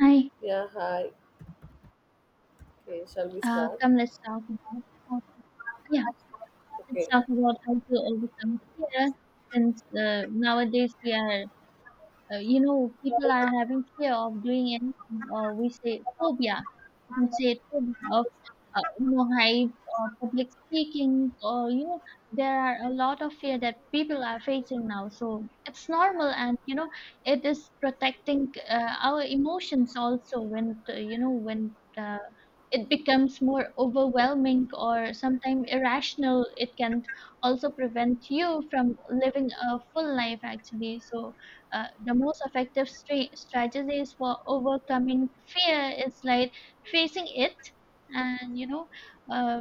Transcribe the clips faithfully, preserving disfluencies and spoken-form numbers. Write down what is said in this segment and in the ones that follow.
Hi. Yeah, hi. Okay, shall we uh, start? Come, let's talk about how, yeah, let's Okay. talk about how to overcome fear, since uh, nowadays we are, uh, you know, people are having fear of doing anything, or we say phobia. We can say phobia of, uh, you know, height or public speaking, or, you know, there are a lot of fear that people are facing now. So it's normal and, you know, it is protecting uh, our emotions also when, uh, you know, when. Uh, it becomes more overwhelming or sometimes irrational, it can also prevent you from living a full life, actually. So uh, the most effective stra- strategies for overcoming fear is like facing it. And you know, uh,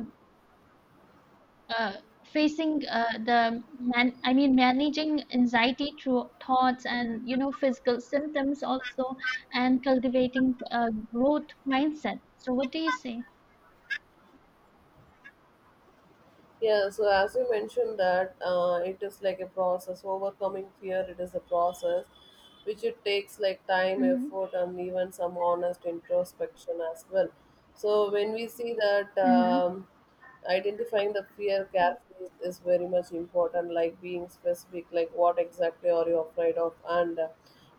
uh, facing uh, the man I mean managing anxiety through thoughts and, you know, physical symptoms also, and cultivating a growth mindset. So what do you say? Yeah, so as you mentioned that uh, it is like a process, overcoming fear, it is a process which it takes like time, Hmm. effort, and even some honest introspection as well. So when we see that Mhm. um, identifying the fear carefully is very much important, like being specific like what exactly are you afraid of, and uh,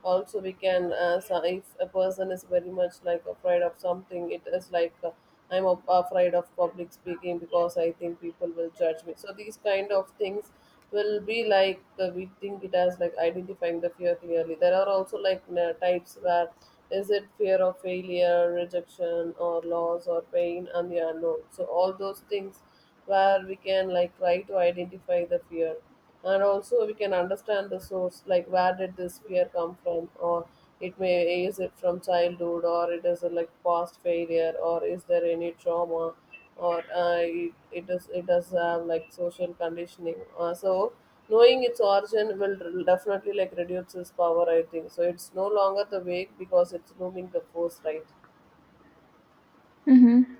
also we can uh, so if a person is very much like afraid of something, it is like uh, I'm af- afraid of public speaking because I think people will judge me, so these kind of things will be like uh, we think it as like identifying the fear clearly. There are also like na- types where is it fear of failure, rejection, or loss or pain and the unknown, so all those things where we can like try to identify the fear. And also we can understand the source, like where did this fear come from, or it may, is it from childhood or it is a like past failure, or is there any trauma, or uh, it, it is, it does have like social conditioning, uh, so knowing its origin will r- definitely like reduce its power, I think, so it's no longer the wake because it's looming the force, right? Mhm.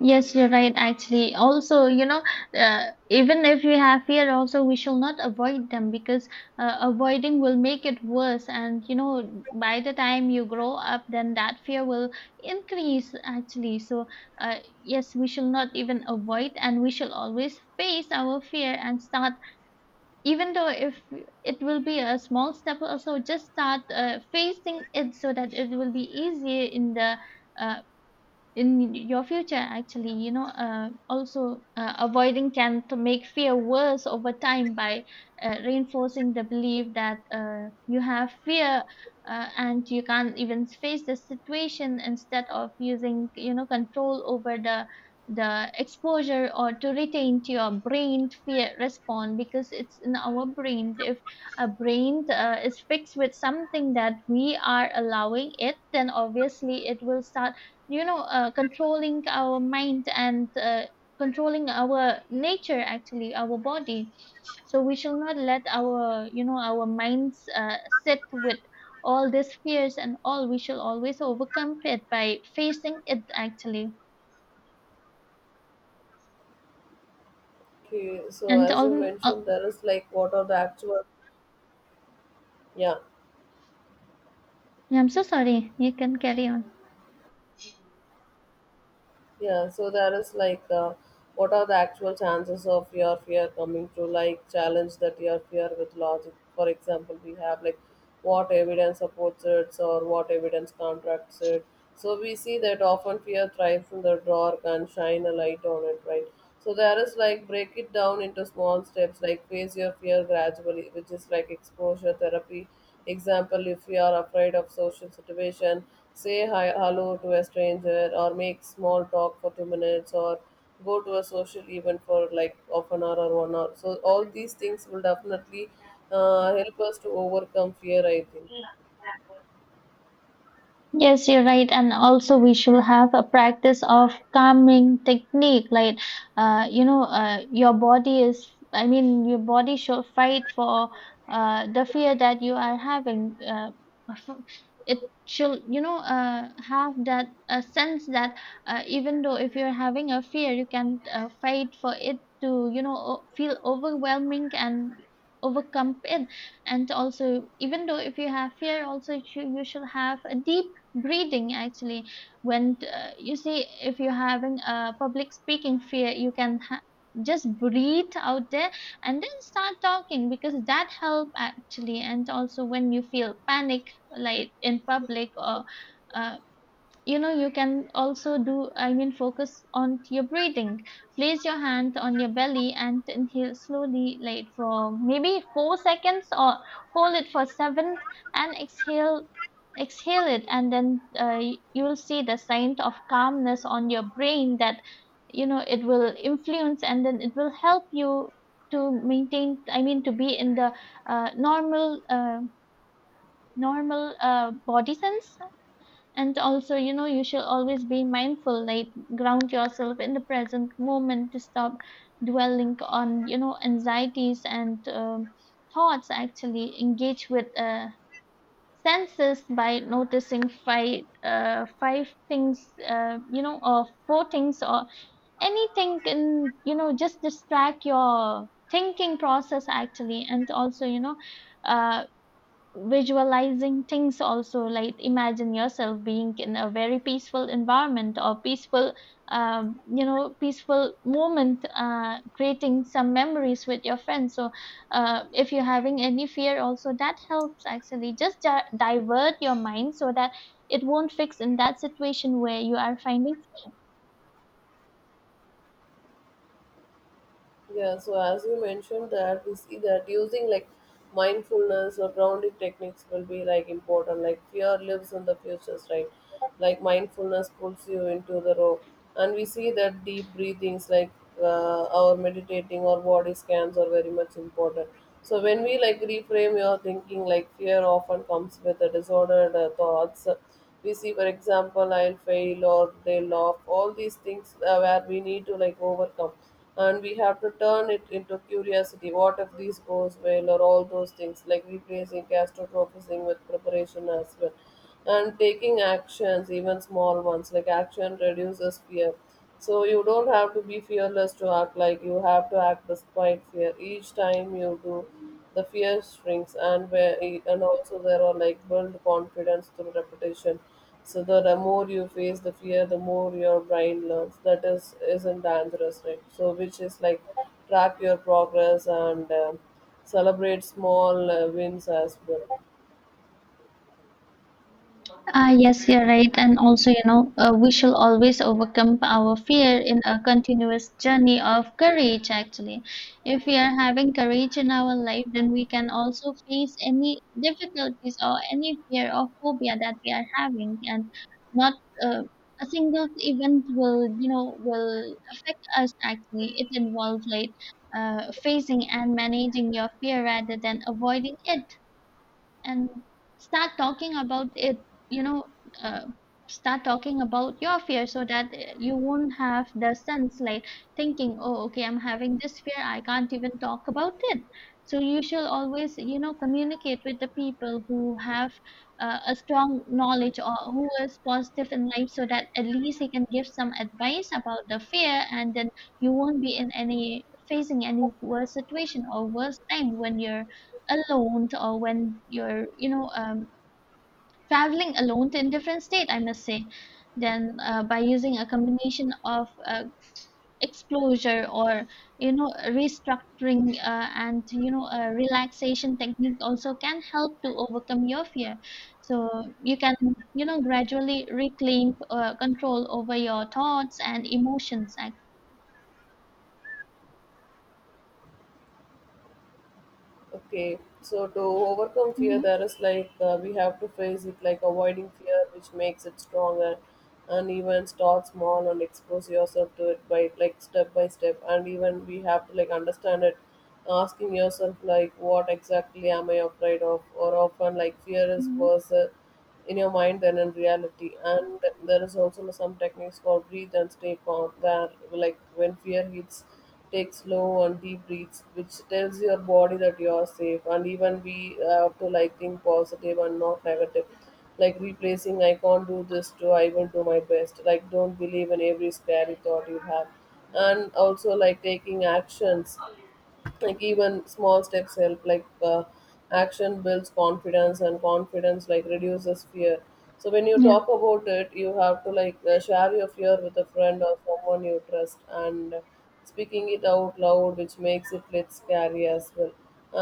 Yes, you're right, actually. Also, you know, uh, even if we have fear, also, we shall not avoid them, because uh, avoiding will make it worse. And, you know, by the time you grow up, then that fear will increase, actually. So, uh, yes, we shall not even avoid, and we shall always face our fear and start, even though if it will be a small step, also just start uh, facing it, so that it will be easier in the. uh, in your future, actually. You know, uh, also, uh, avoiding can to make fear worse over time by uh, reinforcing the belief that uh, you have fear, uh, and you can't even face the situation, instead of using, you know, control over the the exposure or to retain to your brain fear response, because it's in our brain. If a brain uh, is fixed with something that we are allowing it, then obviously it will start, you know, uh, controlling our mind and uh, controlling our nature, actually, our body. So we shall not let our, you know, our minds uh, sit with all these fears and all. We shall always overcome it by facing it, actually, Okay, so and as you all, uh, mentioned, there is like what are the actual, yeah. I'm so sorry, you can carry on. Yeah, so there is like, uh, what are the actual chances of your fear coming to, like challenge that your fear with logic? For example, we have like what evidence supports it or what evidence contracts it. So we see that often fear thrives in the dark and shine a light on it, right? So there is like break it down into small steps, like face your fear gradually, which is like exposure therapy. Example, if you are afraid of social situation, say hi, hello to a stranger, or make small talk for two minutes, or go to a social event for like half an hour or one hour. So all these things will definitely uh, help us to overcome fear, I think. Yes, you're right. And also, we should have a practice of calming technique. Like, uh, you know, uh, your body is, I mean, your body should fight for uh, the fear that you are having. Uh, f- it should, you know, uh, have that uh, sense that uh, even though if you're having a fear, you can uh, fight for it to, you know, o- feel overwhelming and overcome it. And also, even though if you have fear also, you should, you should have a deep breathing, actually. When, uh, you see, if you're having a public speaking fear, you can ha- just breathe out there and then start talking, because that help actually. And also, when you feel panic like in public or, uh, you know, you can also do, I mean, focus on your breathing. Place your hand on your belly and inhale slowly like for maybe four seconds, or hold it for seven, and exhale, exhale it, and then uh, you'll see the sign of calmness on your brain, that you know it will influence, and then it will help you to maintain, I mean, to be in the uh, normal uh, normal uh, body sense. And also, you know, you should always be mindful, like ground yourself in the present moment to stop dwelling on, you know, anxieties and um, thoughts. Actually engage with uh, senses by noticing five uh, five things, uh, you know, or four things, or anything can, you know, just distract your thinking process, actually. And also, you know, uh, visualizing things also, like imagine yourself being in a very peaceful environment or peaceful, um, you know, peaceful moment, uh, creating some memories with your friends. So, uh, if you're having any fear also, that helps, actually. Just di- divert your mind so that it won't fix in that situation where you are finding. Yeah, so as you mentioned that we see that using like mindfulness or grounding techniques will be like important. Like fear lives in the futures, right? Like mindfulness pulls you into the rope. And we see that deep breathings, like uh, our meditating or body scans are very much important. So when we like reframe your thinking, like fear often comes with the disordered uh, thoughts, we see, for example, I'll fail or they'll laugh, all these things, uh, where we need to like overcome, and we have to turn it into curiosity, what if this goes well, or all those things like replacing catastrophizing with preparation as well. And taking actions, even small ones, like action reduces fear. So you don't have to be fearless to act, like you have to act despite fear. Each time you do, the fear shrinks, and where, and also there are like build confidence through repetition. So the, the more you face the fear, the more your brain learns. That is, isn't dangerous, right? So which is like track your progress and um celebrate small uh, wins as well. Ah, yes, you're right. And also, you know, uh, we shall always overcome our fear in a continuous journey of courage, actually. If we are having courage in our life, then we can also face any difficulties or any fear or phobia that we are having. And not, uh, a single event will, you know, will affect us, actually. It involves like uh, facing and managing your fear rather than avoiding it, and start talking about it, you know, uh, start talking about your fear, so that uh, you won't have the sense like thinking, oh okay, I'm having this fear, I can't even talk about it. So you should always, you know, communicate with the people who have uh, a strong knowledge or who is positive in life, so that at least he can give some advice about the fear, and then you won't be in any facing any worse situation or worse time when you're alone, or when you're, you know, um, traveling alone to a different state, I must say. Then, uh, by using a combination of uh, exposure or, you know, restructuring, uh, and, you know, a relaxation technique also can help to overcome your fear. So you can, you know, gradually reclaim uh, control over your thoughts and emotions. I- Okay, so to overcome fear, Mhm, there is like, uh, we have to face it, like avoiding fear, which makes it stronger, and even start small and expose yourself to it by like step by step. And even we have to like understand it, asking yourself like what exactly am I afraid of, or often like fear is mhm. worse uh, in your mind than in reality. And there is also some techniques called breathe and stay calm. That like when fear hits, take slow and deep breaths, which tells your body that you are safe. And even we have to like think positive and not negative. Like replacing I can't do this to I will do my best. Like don't believe in every scary thought you have. And also like taking actions, like even small steps help, like uh, action builds confidence and confidence like reduces fear. So when you Yeah. talk about it, you have to like uh, share your fear with a friend or someone you trust, and speaking it out loud, which makes it less scary as well.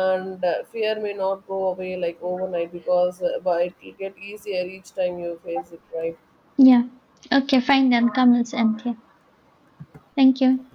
And uh, fear may not go away like overnight, because uh, but it will get easier each time you face it, right? Yeah. Okay, fine, then come, let's end here. Thank you.